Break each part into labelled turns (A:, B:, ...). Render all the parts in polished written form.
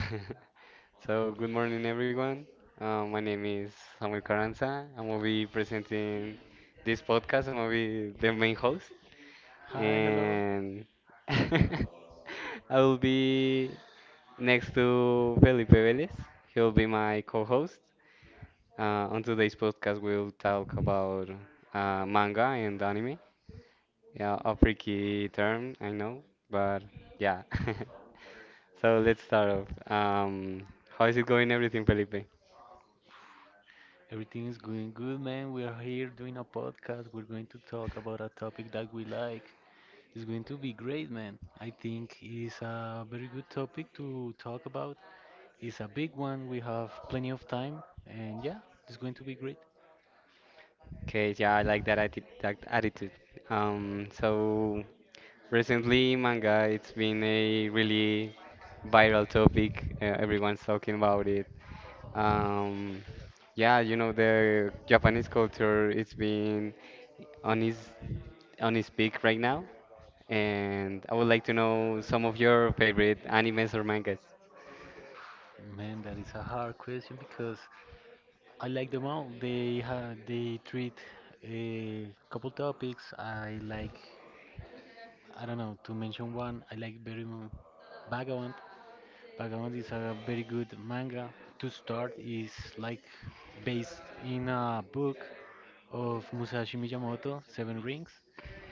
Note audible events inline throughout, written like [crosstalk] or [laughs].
A: [laughs] so good morning, everyone. My name is Samuel Carranza. I'm gonna be presenting this podcast. I'm gonna be the main host,
B: Hi, hello.
A: and [laughs] I will be next to Felipe Velez. He'll be my co-host. On today's podcast, we'll talk about manga and anime. Yeah, a freaky term, I know, but yeah. [laughs] So let's start off. How is it going, everything, Felipe?
B: Everything is going good, man. We are here doing a podcast. We're going to talk about a topic that we like. It's going to be great, man. I think it's a very good topic to talk about. It's a big one. We have plenty of time, and yeah, it's going to be great.
A: Okay, yeah, I like that attitude. So recently, manga, it's been a really viral topic. Everyone's talking about it. Um, yeah, the Japanese culture, it's been on its on its peak right now, and I would like to know some of your favorite animes or mangas.
B: Man, that is a hard question because I like them all. They treat a couple topics. I like, I don't know, to mention one. I like very Vagabond. Vagabond is a very good manga to start. Is like based in a book of Musashi Miyamoto, Seven Rings.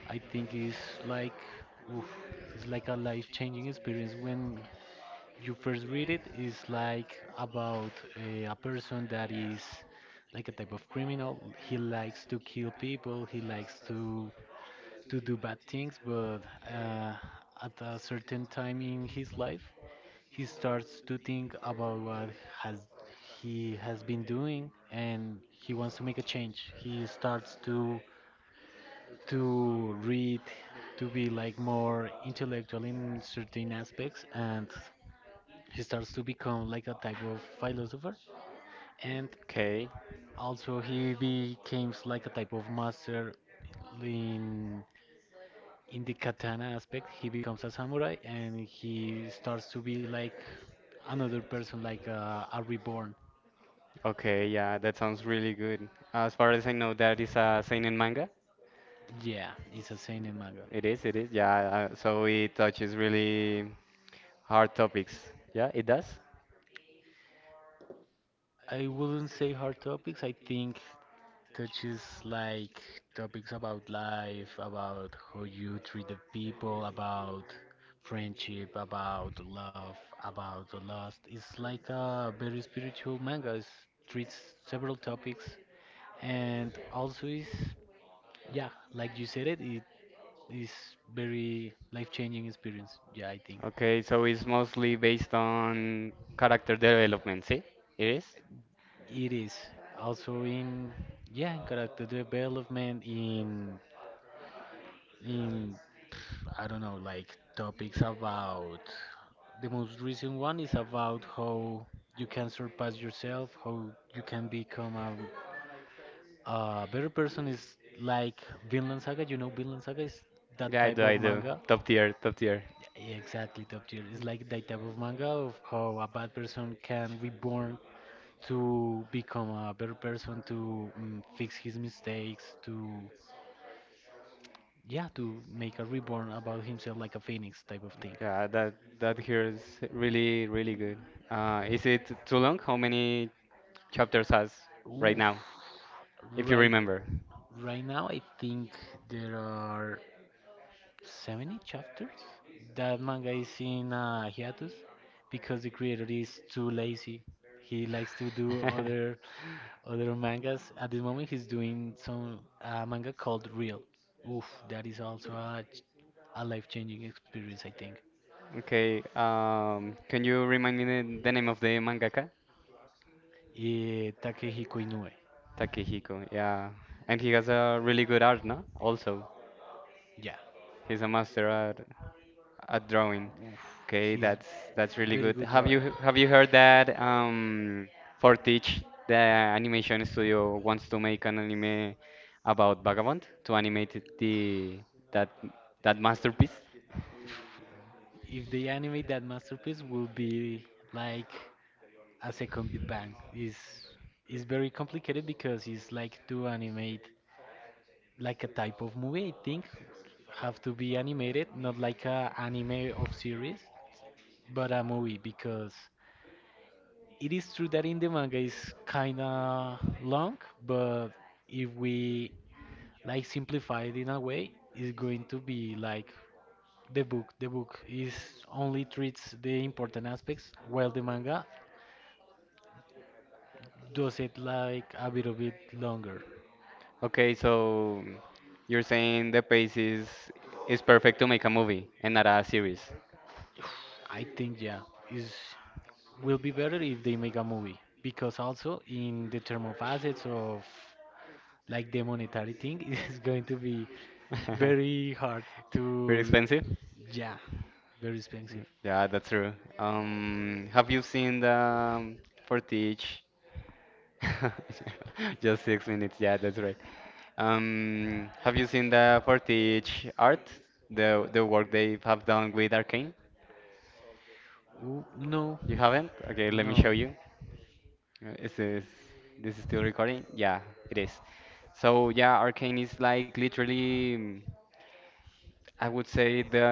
B: I think it's like oof, it's like a life-changing experience when you first read it. It's like about a person that is like a type of criminal. He likes to kill people. He likes to do bad things, but uh, at a certain time in his life, he starts to think about what has he has been doing, and he wants to make a change. He starts to read, to be like more intellectual in certain aspects, and he starts to become like a type of philosopher, and
A: Okay.
B: also he becomes like a type of master in in the katana aspect. He becomes a samurai and he starts to be like another person, like a reborn.
A: Okay, yeah, that sounds really good. As far as I know, that is a seinen manga.
B: Yeah, it's a seinen manga.
A: It is, it is. Yeah, so it touches really hard topics. Yeah, it does.
B: I wouldn't say hard topics. I think touches like topics about life, about how you treat the people, about friendship, about love, about the lost. It's like a very spiritual manga. It treats several topics, and also is, yeah, like you said it, it is very life-changing experience. Yeah, I think.
A: Okay, so it's mostly based on character development, see? It is?
B: It is also in, yeah, in character development, in I don't know, like topics about the most recent one is about how you can surpass yourself, how you can become a better person. Is like Vinland Saga. You know Vinland Saga is that
A: Yeah, I
B: type
A: do, I
B: of
A: do.
B: manga.
A: Top tier, top tier.
B: Yeah, exactly, top tier. It's like that type of manga of how a bad person can reborn to become a better person, to, mm, fix his mistakes, to, yeah, to make a reborn about himself, like a phoenix type of thing.
A: Yeah, that here is really, really good. Is it too long? How many chapters has right
B: Oof.
A: now, if you
B: Right,
A: remember?
B: right now I think there are 70 chapters. That manga is in a hiatus because the creator is too lazy. He likes to do other.
A: [laughs]
B: Other mangas at this moment, he's doing some manga called Real. Oof, that is also a, a life-changing experience, I think.
A: Okay, can you remind me the name of the mangaka?
B: Eh, Takehiko Inoue.
A: Takehiko, yeah. And he has a really good art, no? Also,
B: Yeah.
A: he's a master at drawing.
B: Oof,
A: Okay,
B: he's
A: that's really
B: very
A: good.
B: good
A: Have
B: drawer.
A: you have you heard that for the animation studio wants to make an anime about Vagabond to animate it- the that that masterpiece?
B: If they animate that masterpiece, will be like a second Big Bang. Is very complicated because it's like to animate like a type of movie. I think have to be animated, not like a anime of series, but a movie, because it is true that in the manga is kind of long, but if we like simplify it in a way, it's going to be like the book. The book is only treats the important aspects, while the manga does it like a bit of it longer.
A: Okay, so you're saying the pace is perfect to make a movie and not a series.
B: I think yeah, is will be better if they make a movie, because also in the term of assets of like the monetary thing [laughs] it is going to be
A: [laughs]
B: very hard
A: Pretty
B: to,
A: expensive?
B: yeah, very expensive.
A: Mm, yeah, that's true. Have you seen the for teach? [laughs] Just 6 minutes. Yeah, that's right. Have you seen the for teach art? The work they have done with Arcane?
B: Ooh, no.
A: You haven't? Okay, let me show
B: No.
A: you. Is this this is still recording? Yeah, it is. So yeah, Arcane is like literally, I would say the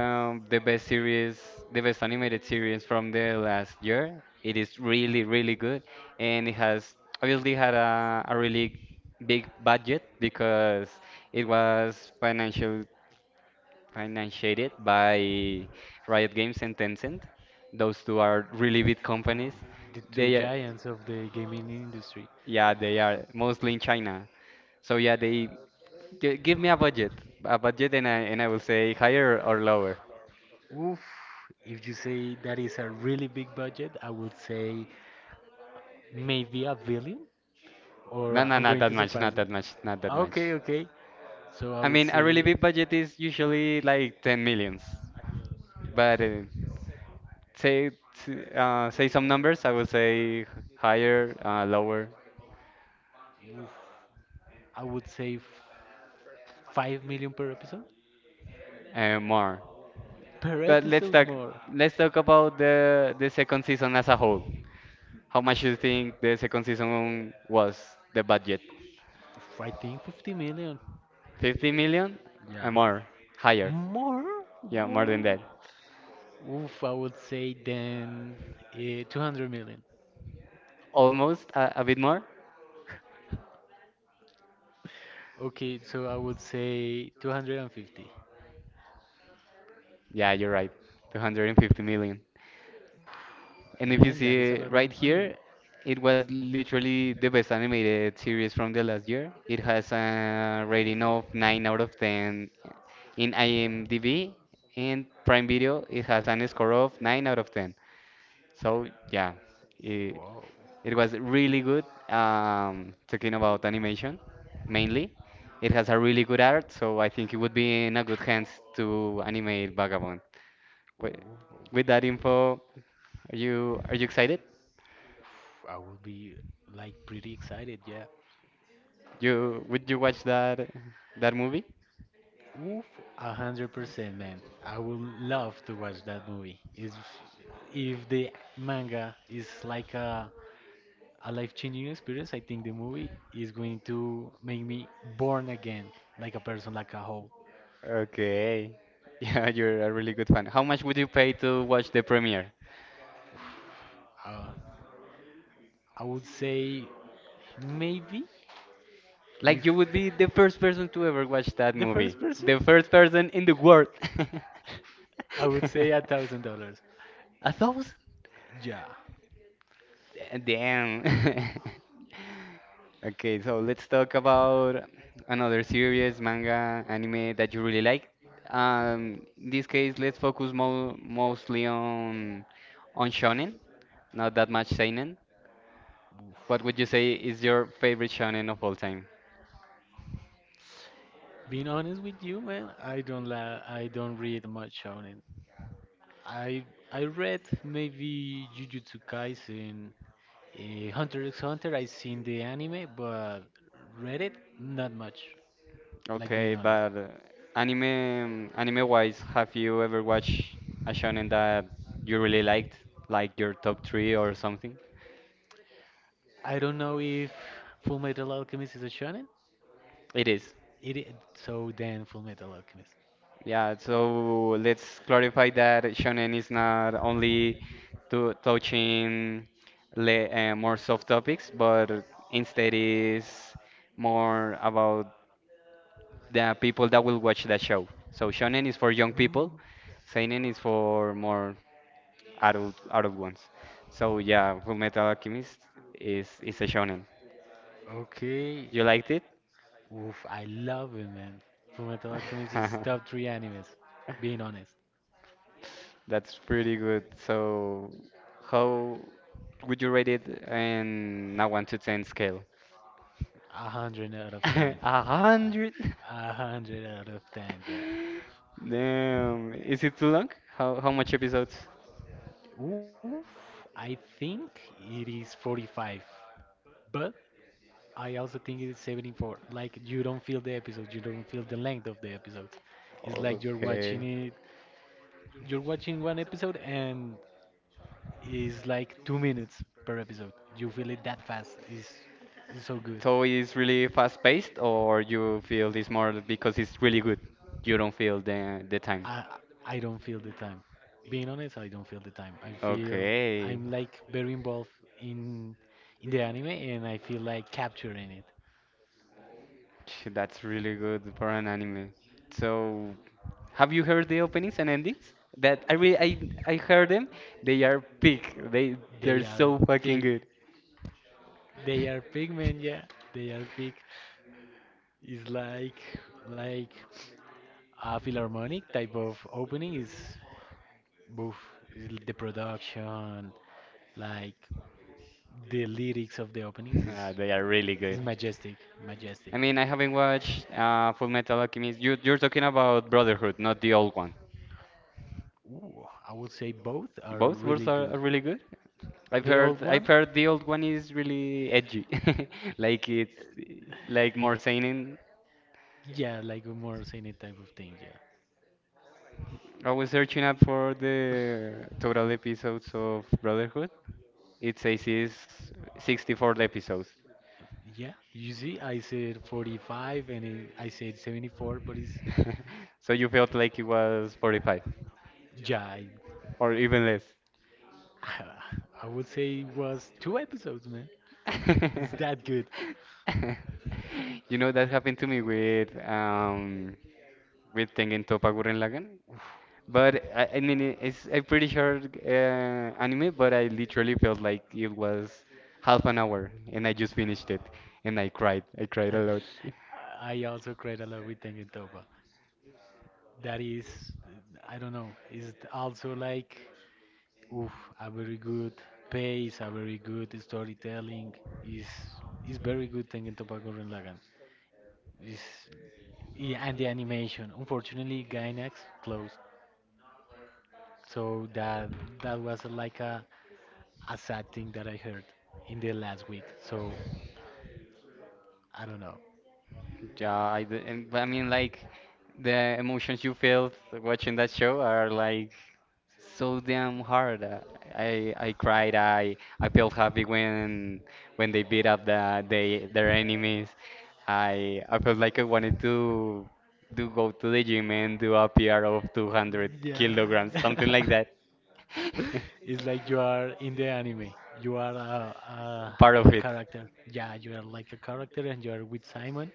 A: the best series, the best animated series from the last year. It is really, really good, and it has obviously had a really big budget because it was financial financiated by Riot Games and Tencent. Those two are really big companies.
B: The two
A: They are,
B: giants of the gaming industry.
A: yeah, they are mostly in China. So yeah, they give me a budget, and I will say higher or lower.
B: Oof, if you say that is a really big budget, I would say maybe a billion, or
A: No, no,
B: I'm
A: not
B: going
A: that
B: to
A: much, not
B: surprise you.
A: that much, not that much.
B: Okay, okay. So I
A: I
B: would
A: mean, a really
B: say,
A: big budget is usually like 10 millions, but say say some numbers, I would say higher, lower,
B: oof, I would say 5 million per episode.
A: and more.
B: Per
A: But let's
B: episode
A: talk
B: more.
A: let's talk about the second season as a whole. How
B: As
A: much you think the second season was the budget?
B: if I think 50 million.
A: 50 million
B: Yeah.
A: and more, higher.
B: More?
A: Yeah, more than
B: More?
A: that.
B: Oof, I would say then uh, 200 million.
A: Almost a bit more.
B: Okay, so I would say 250.
A: Yeah, you're right. 250 million. And if you
B: Man, that is a
A: see
B: lot of
A: right
B: money.
A: here, it was literally the best animated series from the last year. It has a rating of 9 out of 10 in IMDb, and Prime Video, it has an score of 9 out of 10. So, yeah, it,
B: Wow.
A: it was really good. Talking about animation mainly, it has a really good art, so I think it would be in a good hands to animate Vagabond. Wi-
B: Oof.
A: With that info, are you excited?
B: I would be like pretty excited, yeah.
A: You would you watch that movie?
B: Oof, 100%, man. I would love to watch that movie. If the manga is like a life-changing experience. I think the movie is going to make me born again, like a person, like a whole.
A: Okay. [laughs] Yeah, you're a really good fan. How much would you pay to watch the premiere?
B: Uh, I would say maybe,
A: Like you
B: if
A: would be the first person to ever watch that
B: the
A: movie.
B: first person,
A: The first person in the world. [laughs]
B: I would say $1,000.
A: 1,000?
B: Yeah.
A: Damn. [laughs] Okay, so let's talk about another series, manga, anime that you really like. In this case, let's focus mo mostly on shonen, not that much seinen. What
B: Oof.
A: would you say is your favorite shonen of all time?
B: Being honest with you, man, I don't read much shonen. I I read maybe Jujutsu Kaisen, Hunter x Hunter. I seen the anime, but read it not much. Like being
A: Okay,
B: honest.
A: but anime wise, have you ever watched a shonen that you really liked, like your top three or something?
B: I don't know if Full Metal Alchemist is a shonen.
A: It is.
B: It is, so then Full Metal Alchemist.
A: Yeah, so let's clarify that shonen is not only to touching le more soft topics, but instead is more about the people that will watch that show. So shonen is for young
B: Mm,
A: people. Seinen is for more adult ones. So yeah, Full Metal Alchemist is a shonen.
B: okay.
A: You liked it?
B: Oof, I love it, man. Full Metal Alchemist is top three animes. Being honest,
A: [laughs] That's pretty good. So how would you rate it in a one to ten scale?
B: a hundred out of ten.
A: [laughs] A
B: Uh,
A: hundred? [laughs]
B: A hundred out of ten, yeah.
A: Damn. Is it too long? How much episodes?
B: Oof, I think it is 45, but I also think it's 74. Like you don't feel the episode, you don't feel the length of the episodes. It's like you're
A: Okay.
B: watching it, you're watching one episode and it's like 2 minutes per episode. You feel it that fast. It's so good.
A: So it's really fast paced or you feel this more because it's really good? You don't feel the time.
B: I I don't feel the time. Being honest, I don't feel the time. I feel
A: Okay.
B: I'm like very involved in in the anime and I feel like capturing it.
A: [laughs] Phew, that's really good for an anime. So, have you heard the openings and endings? That I really, I heard them. They are peak. They
B: They
A: they're
B: are
A: so fucking
B: big.
A: good.
B: They are big, man. Yeah, they are big. It's like like. A philharmonic type of opening is both the production, like the lyrics of the openings
A: [laughs] Ah, they are really good.
B: is majestic,
A: I
B: majestic.
A: mean, I haven't watched Full Metal Alchemist. You're talking about Brotherhood, not the old one.
B: Ooh, I would say both are
A: Both
B: really
A: are
B: good.
A: really good. I've
B: The
A: heard
B: old
A: I've
B: one,
A: heard the old one is really edgy, [laughs] like it's
B: uh,
A: like more seinen.
B: yeah, like a more scenic type of thing, yeah.
A: I was searching up for the total episodes of Brotherhood. It says is 64 episodes.
B: Yeah, you see, I said 45 and it, I said 74, but it's
A: [laughs] So you felt like it was 45
B: yeah I,
A: or even less.
B: [sighs] [laughs] I would say it was two episodes, man. It's that good.
A: [laughs] You know that happened to me with with Tengen Toppa Gurren Lagann. But I mean it's a pretty short anime, but I literally felt like it was half an hour and I just finished it and I cried. I cried a lot.
B: [laughs] I also cried a lot with Tengen Tengentoba. That is, I don't know, is also like, oof, a very good pace, a very good storytelling. Is is very good Tengen Toppa Gurren Lagann. It's, yeah, and the animation. Unfortunately, Gainax closed, so that was like a sad thing that I heard in the last week. So I don't know.
A: Yeah, but I mean, like, the emotions you felt watching that show are like so damn hard. I cried. I felt happy when they beat up their enemies. I felt like I wanted to do go to the gym and do a PR of 200
B: Yeah,
A: kilograms, something like that.
B: [laughs] it's like you are in the anime. You are a,
A: [laughs]
B: a
A: Part of
B: a
A: it.
B: character. Yeah, you are like a character, and you are with Simon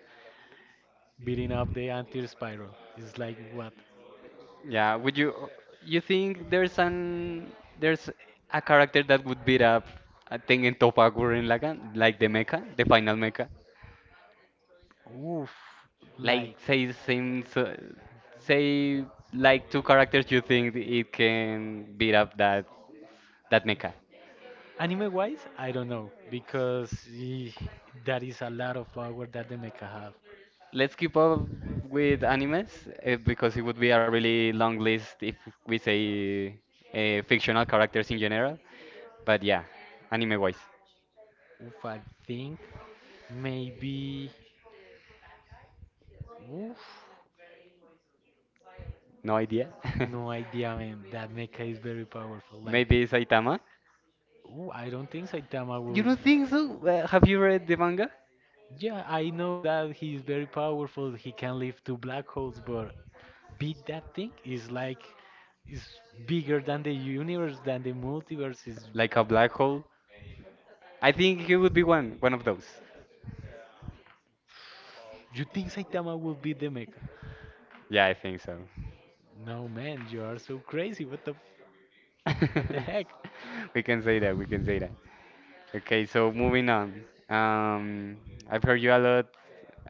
B: beating up the anti spiral. It's like what?
A: Yeah, would you think there's a character that would beat up a think in Topa Gurren Lagann, like the mecha, the final mecha?
B: Oof,
A: Like
B: like
A: say like two characters you think it can beat up that mecha.
B: anime wise, I don't know because that is a lot of power that the mecha have.
A: Let's keep up with animes because it would be a really long list if we say fictional characters in general. But yeah, anime wise,
B: Oof, I think maybe, oof,
A: no idea. [laughs]
B: no idea, man. That mecha is very powerful. Like,
A: Maybe Saitama?
B: ooh, I don't think Saitama
A: You
B: will.
A: don't think so? Have you read the manga?
B: Yeah, I know that he's very powerful. He can live two black holes, but beat that thing is like is bigger than the universe, than the multiverse. Is
A: Like a black hole? I think he would be one of those.
B: you think Saitama will beat the mecha?
A: Yeah, I think so.
B: No, man, you are so crazy. What the
A: [laughs]
B: heck?
A: We can say that, we can say that. Okay, so moving on. Um, I've heard you a lot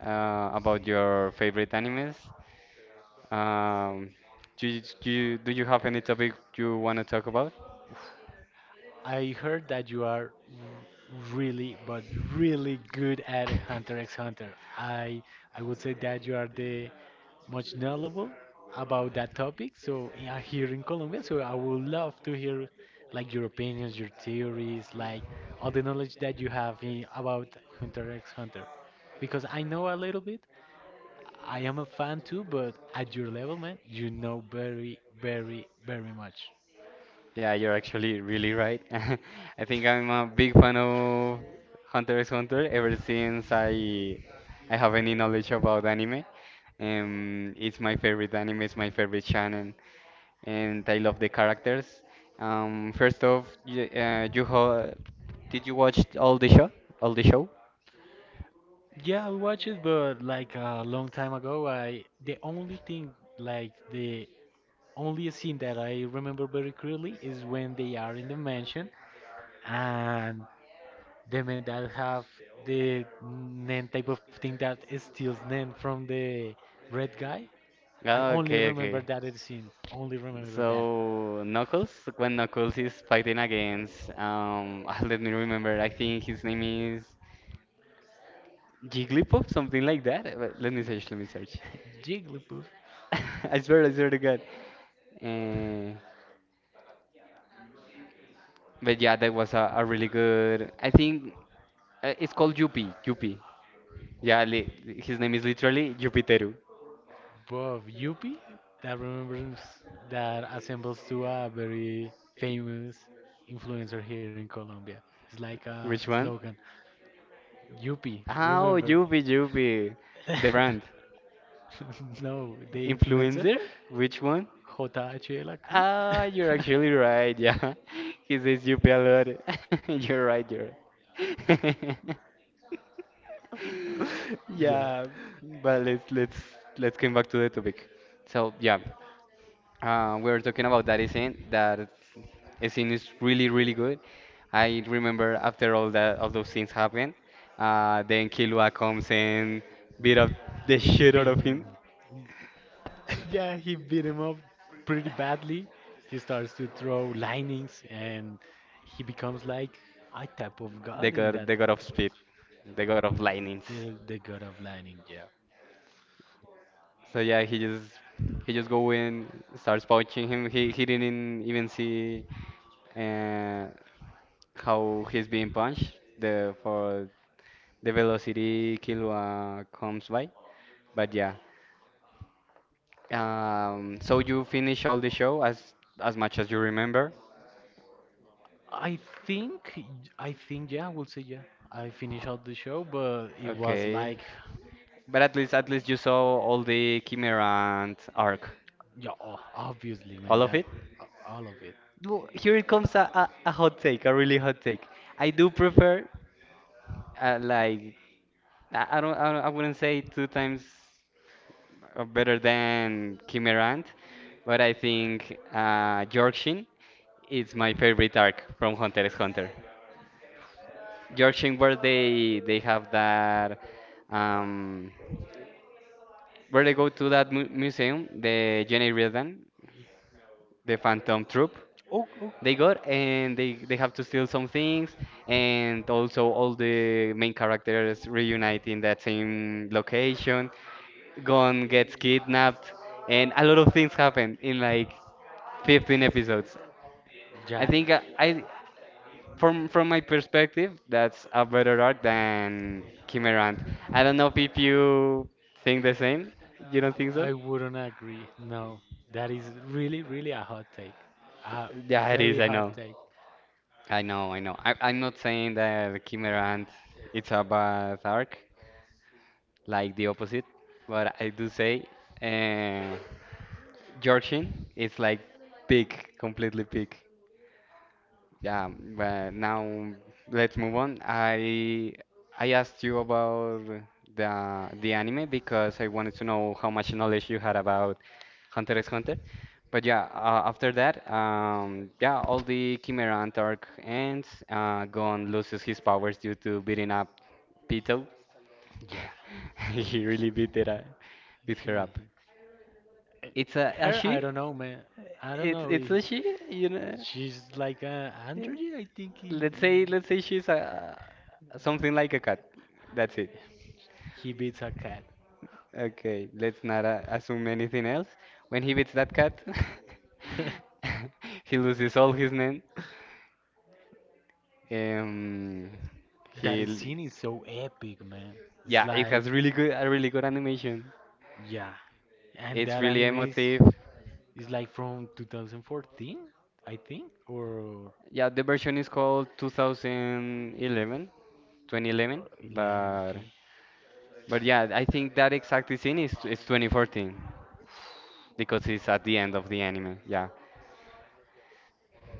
A: about your favorite animes. Um, do you have any topic you want to talk about?
B: I heard that you are really, but really good at Hunter x Hunter. I would say that you are the much knowledgeable about that topic. So yeah, here in Colombia, so I would love to hear like your opinions, your theories, like all the knowledge that you have in, about Hunter x Hunter. Because I know a little bit. I am a fan too, but at your level, man, you know very, very, very much.
A: Yeah, you're actually really right. [laughs] I think I'm a big fan of Hunter x Hunter ever since I have any knowledge about anime. It's my favorite anime, it's my favorite channel, and I love the characters. First off, you, you ho did you watch all the show? All the show?
B: Yeah, I watched it, but like a long time ago, I the only thing, like the only scene that I remember very clearly is when they are in the mansion and the men that have the Nen type of thing that steals Nen from the red guy. I
A: Ah,
B: only
A: okay,
B: remember
A: okay.
B: that scene. Only remember that.
A: So Knuckles, when Knuckles is fighting against, [laughs] let me remember. I think his name is Jigglypuff, something like that. Wait, let me search, let me search.
B: [laughs] Jigglypuff.
A: [laughs] I swear to God. Uh, but yeah, that was a really good. I think it's called Yuppie. Yuppie. Yeah, li his name is literally Jupiteru.
B: But Yuppie, that remembers, that assembles to a very famous influencer here in Colombia. It's like a
A: Which one?
B: slogan. Yuppie,
A: Oh,
B: remember.
A: Yuppie, Yuppie. The brand.
B: [laughs] No, the influencer,
A: Influencer? Which one?
B: JH de la Cruz.
A: Ah, you're actually right. Yeah, [laughs] he says Yuppie a lot. [laughs] You're right, you're right. [laughs] [laughs]
B: [laughs] Yeah,
A: Yeah, but let's come back to the topic. So yeah, we were talking about that scene. That scene is really really good. I remember after all those things happened, then Killua comes and beat up the
B: it
A: shit out
B: beat
A: of
B: him.
A: him.
B: Yeah,
A: [laughs]
B: he beat him up pretty badly. He starts to throw lightnings and he becomes like a type of
A: They
B: god in
A: got
B: that.
A: they got of speed, they got of lightnings.
B: The god of lightning, yeah.
A: So yeah, he just go in, starts punching him. He didn't even see uh, how he's being punched the for the velocity Killua comes by. But yeah. So you finish all the show as much as you remember.
B: I think I think yeah, I will say yeah. I finished all the show, but it was
A: Okay.
B: like
A: But at least you saw all the Kimerant arc.
B: yeah, obviously, man,
A: All of
B: that
A: it?
B: all of it.
A: Well, here it comes a hot take, a really hot take. I do prefer like I wouldn't say two times better than Kim Rand, but I think Yorkshin is my favorite arc from Hunter x Hunter. Yorkshin, where they have that um, where they go to that museum, the Jenny Reardon, the Phantom Troop.
B: Oh, oh,
A: They go and they have to steal some things, and also all the main characters reunite in that same location. Gon gets kidnapped, and a lot of things happen in like 15 episodes. I
B: yeah.
A: think I from my perspective, that's a better arc than Kimerant. I don't know if you think the same. You don't think so?
B: I wouldn't agree. No, that is really, really a hot take. A
A: Yeah, it is.
B: very
A: I
B: hot
A: know.
B: take.
A: I know. I know. I'm not saying that Kimerant it's a bad arc, like the opposite. But I do say, uh, Georgin is like big, completely big. Yeah, but now let's move on. I asked you about the anime because I wanted to know how much knowledge you had about Hunter x Hunter. But yeah, after that, yeah, all the Chimera Antarch ends. Gon loses his powers due to beating up Pito.
B: Yeah.
A: [laughs] He really beat it up, beat her up.
B: [laughs]
A: It's a
B: Her, I
A: she?
B: don't know, man. I don't
A: It's
B: know. If,
A: it's a she, you
B: she's like a
A: know?
B: android. I think
A: Let's say she's a something like a cat. That's it.
B: he beats a cat.
A: Okay, let's not assume anything else. When he beats that cat,
B: [laughs]
A: [laughs] he loses all his men. Um,
B: That
A: he l-
B: scene is so epic, man. It's
A: yeah, it
B: like,
A: has really good a really good animation.
B: yeah, and
A: It's
B: that
A: really
B: anime
A: emotive.
B: is like from 2014, I think, or
A: Yeah, the version is called 2011,
B: 11.
A: but
B: Okay,
A: but yeah, I think that exact scene is it's 2014 because it's at the end of the anime. Yeah.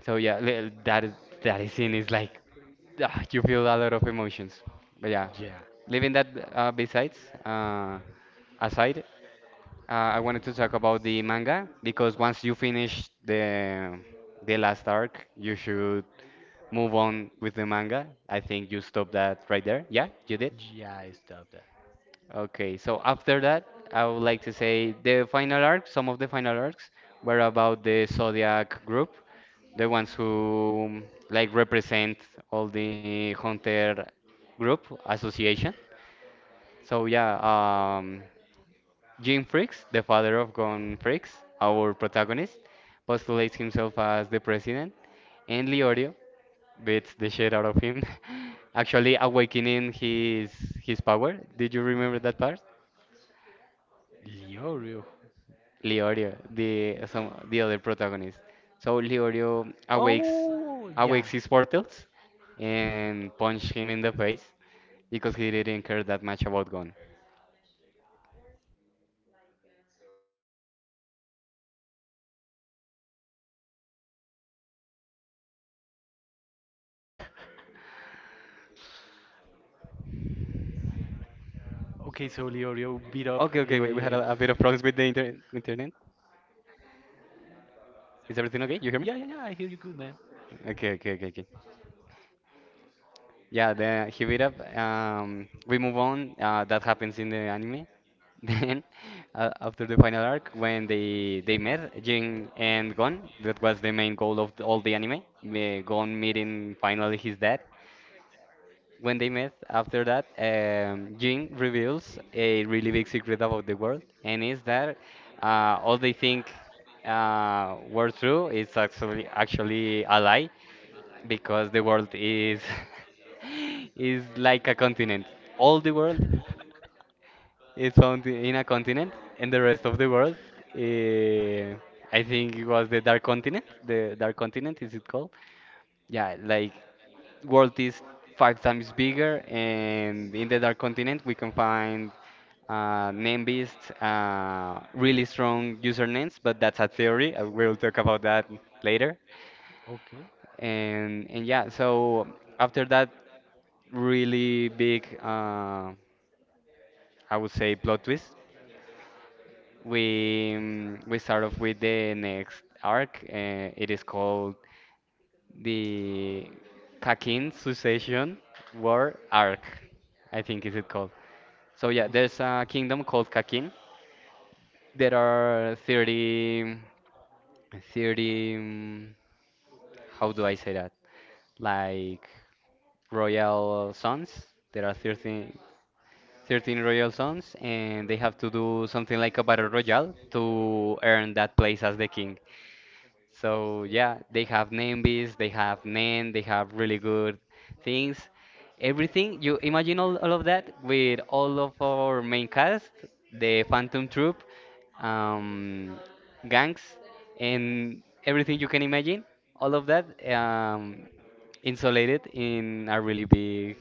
A: So yeah, that is scene is like you feel a lot of emotions. But yeah,
B: yeah,
A: leaving that besides uh, aside, I wanted to talk about the manga because once you finish the last arc, you should move on with the manga. I think you stopped that right there. Yeah, you did.
B: yeah, I stopped that.
A: Okay, so after that, I would like to say the final arc, some of the final arcs were about the Zodiac group, the ones who like represent all the Hunter group association. So yeah, Jim Freaks, the father of Gon Freaks, our protagonist, postulates himself as the president, and Leorio beats the shit out of him, [laughs] actually awakening his power. Did you remember that part?
B: Liorio,
A: Leorio, the other protagonist. So Leorio awakes
B: oh, yeah.
A: awakes his portals and punch him in the face because he didn't care that much about Gon. No, se nos fue el internet.
B: Okay, so Leorio
A: Okay,
B: beat
A: okay,
B: up.
A: we had a bit of problems with the internet. Is everything okay? You hear me?
B: Yeah, yeah, yeah. I hear you good, man.
A: Okay, okay, okay, okay. Yeah, the he beat up. We move on. That happens in the anime. [laughs] Then, after the final arc, when they met Jin and Gon, that was the main goal of all the anime. Gon meeting finally his dad. When they met after that, Jin reveals a really big secret about the world, and is that all they think were true is actually a lie, because the world is [laughs] is like a continent. All the world is found in a continent, and the rest of the world, eh, I think it was the dark continent. The dark continent is it called? Yeah, like world is five times bigger, and in the dark continent we can find name beasts, really strong usernames, but that's a theory. We will talk about that later.
B: Okay.
A: And yeah, so after that really big, I would say, plot twist. We start off with the next arc. It is called the Kakin Succession War Arc. I think is it called. So yeah,
B: Oof.
A: there's a kingdom called Kakin. There are thirty. 30, how do I say that? Like royal sons. There are 30, 13 Royal Sons, and they have to do something like a battle royale to earn that place as the king. So yeah, they have name beasts, they have Nen, they have really good things. Everything you imagine all of that with all of our main cast, the Phantom Troop, um, gangs, and everything you can imagine. All of that um, insulated in a really big,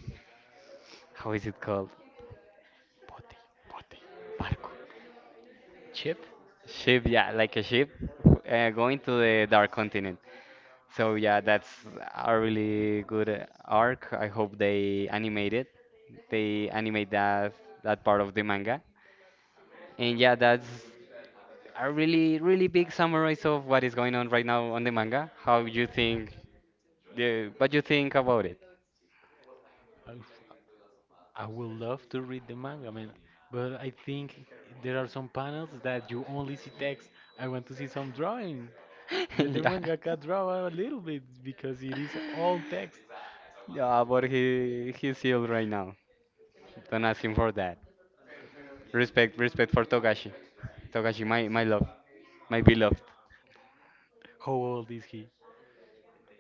A: how is it called? Bote, bote, barco.
B: Chip.
A: Ship, yeah, like a ship going to the Dark Continent. So yeah, that's a really good arc. I hope they animate it. They animate that part of the manga. And yeah, that's a really really big summary of what is going on right now on the manga. How you think the what you think about it?
B: Oof. I would love to read the manga, man. But I think there are some panels that you only see text. I want to see some drawing.
A: [laughs]
B: Let the
A: Yeah.
B: mangaka draw a little bit because it is all text.
A: Yeah, but he's ill right now. Don't ask him for that. Respect, respect for Togashi. Togashi, my love, my beloved.
B: How old is he?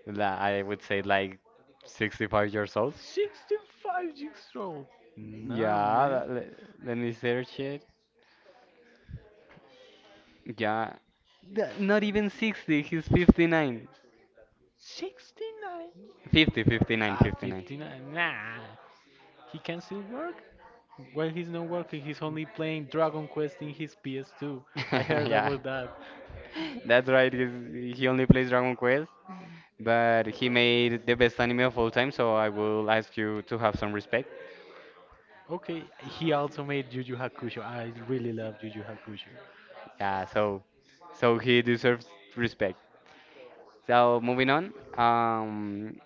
A: I would say like 65 years old.
B: 65 years old. Nah,
A: Yeah,
B: man.
A: let me search it. Yeah, not even 60, he's 59.
B: 69?
A: 50, 59,
B: Ah,
A: 59.
B: 59. Nah. He can still work? Well, he's not working. He's only playing Dragon Quest in his PS2. I
A: [laughs]
B: heard
A: Yeah,
B: about that.
A: that's right, he only plays Dragon Quest, but he made the best anime of all time, so I will ask you to have some respect.
B: Okay, he also made Yu Yu Hakusho. I really love Yu Yu Hakusho.
A: Yeah, so he deserves respect. So moving on,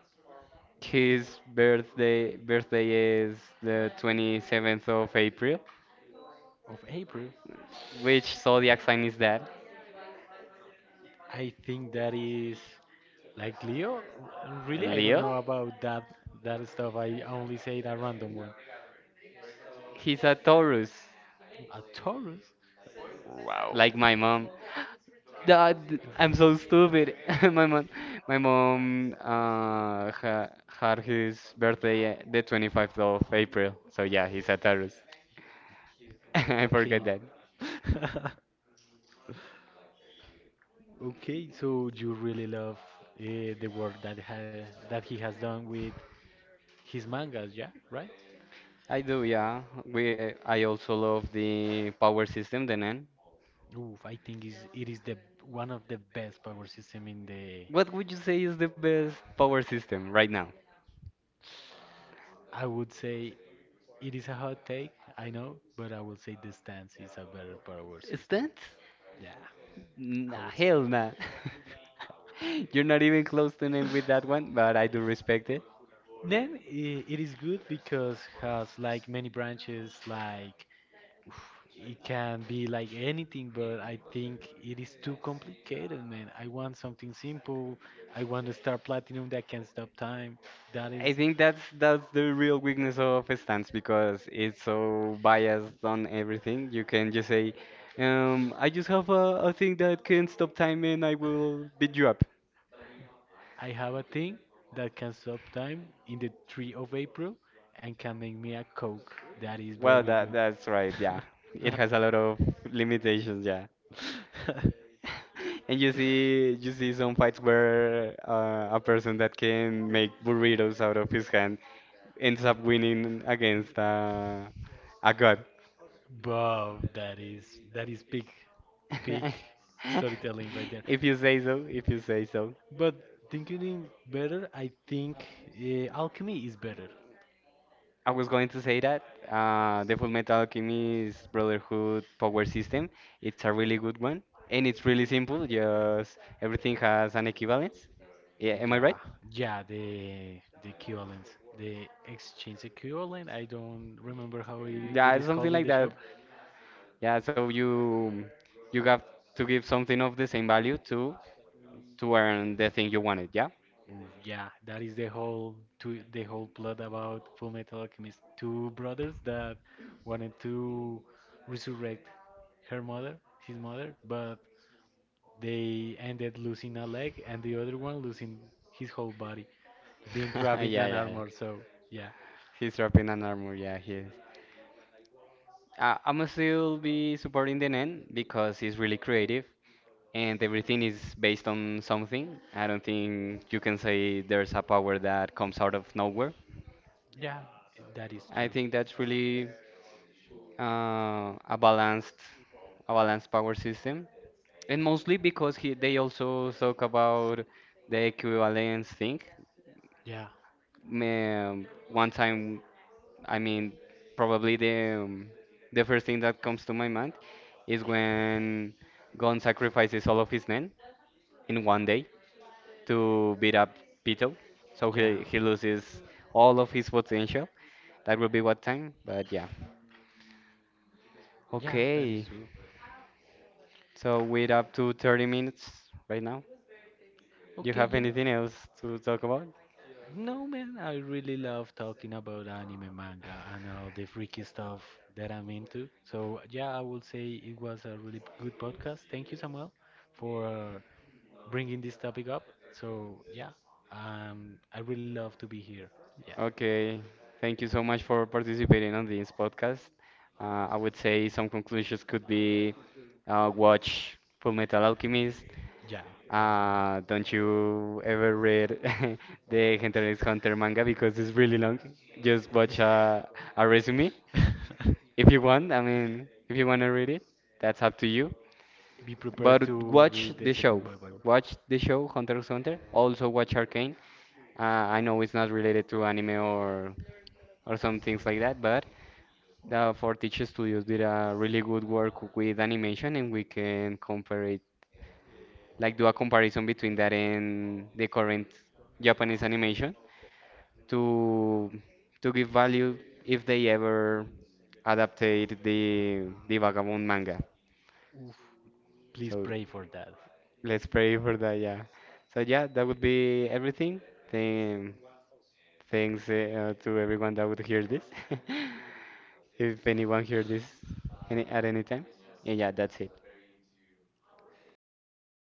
A: his birthday is the 27th of April.
B: Of April,
A: Which zodiac sign is that?
B: I think that is. Like Leo? Really, I don't know
A: Leo?
B: about that stuff. I only say a random one.
A: He's a Taurus,
B: A Taurus? Wow.
A: like my mom. [gasps] Dad, I'm so stupid. [laughs] My mom, my mom had his birthday the 25th of April. So yeah, he's a Taurus. [laughs] I forget
B: Okay.
A: that.
B: [laughs] Okay, so you really love the work that ha that he has done with his mangas, yeah, right?
A: I do, yeah. I also love the power system, the NEN.
B: Oof, I think is it is the one of the best power system in the.
A: What would you say is the best power system right now?
B: I would say it is a hot take, I know, but I will say the stance is a better power system.
A: Stance?
B: Yeah. I
A: Nah,
B: would say.
A: hell nah. [laughs] You're not even close to an end with that one, but I do respect it.
B: Then it is good because has like many branches, like it can be like anything, but I think it is too complicated, man. I want something simple. I want a star platinum that can stop time. That is,
A: I think that's the real weakness of stance because it's so biased on everything. You can just say, I just have a thing that can stop time and I will beat you up.
B: I have a thing that can stop time in the 3rd of April and can make me a Coke. That is
A: Well,
B: very
A: that's right, yeah. It
B: good. [laughs]
A: has a lot of limitations, yeah.
B: [laughs]
A: [laughs] And you see some fights where a person that can make burritos out of his hand ends up winning against a god.
B: Bro, that is peak peak
A: [laughs]
B: storytelling right there.
A: If you say so, if you say so.
B: But thinking in better, I think alchemy is better.
A: I was going to say that the Full Metal Alchemist Brotherhood power system, it's a really good one, and it's really simple. Just everything has an equivalence. Yeah, am I
B: Yeah,
A: right?
B: yeah, the equivalent, the exchange equivalent. I don't remember how it
A: Yeah,
B: is
A: something
B: called in
A: like
B: the show.
A: that. Yeah, so you have to give something of the same value to earn the thing you wanted, yeah?
B: Ooh, yeah, that is the whole two, the whole plot about Full Metal Alchemist. Two brothers that wanted to resurrect her mother, his mother, but they ended losing a leg and the other one losing his whole body, being
A: [laughs] Yeah,
B: trapped in an
A: yeah, yeah.
B: armor. So yeah,
A: He's dropping an armor, yeah, he is. I'm still be supporting the Nen because he's really creative and everything is based on something. I don't think you can say there's a power that comes out of nowhere.
B: yeah, that is true.
A: I think that's really uh, a balanced a balanced power system. And mostly because they also talk about the equivalence thing.
B: Yeah,
A: One time, I mean, probably the first thing that comes to my mind is when Gon sacrifices all of his men in one day to beat up Pito. So
B: yeah,
A: he loses all of his potential. That will be what time, but yeah.
B: yeah, that is
A: Okay,
B: true.
A: so we're up to 30 minutes right now. Do you
B: Okay,
A: have
B: yeah.
A: anything else to talk about?
B: No, man, I really love talking about anime, manga, and all the freaky stuff that I'm into. So, yeah, I would say it was a really good podcast. Thank you, Samuel, for bringing this topic up. So, yeah, I really love to be here. Yeah,
A: Okay, thank you so much for participating on this podcast. I would say some conclusions could be watch Full Metal Alchemist.
B: yeah, that
A: Don't you ever read [laughs] the Hunter x Hunter manga because it's really long. Just watch a resume
B: is one.
A: if you want. I mean, if you want to read it, that's up to you.
B: [laughs] Be prepared
A: But
B: to
A: watch
B: read the
A: the
B: second
A: show.
B: Bible.
A: Watch the show Hunter x Hunter. Also watch Arcane. I know it's not related to anime or some things like that, but for Teach Studios did a really good work with animation, and we can compare it, like do a comparison between that and the current Japanese animation to to give value if they ever adaptate the Vagabond manga.
B: Oof, please
A: So
B: pray for that.
A: let's pray for that, yeah. So yeah, that would be everything. Then thanks to everyone that would hear this. [laughs] If anyone hear this any at any time, and yeah, that's it.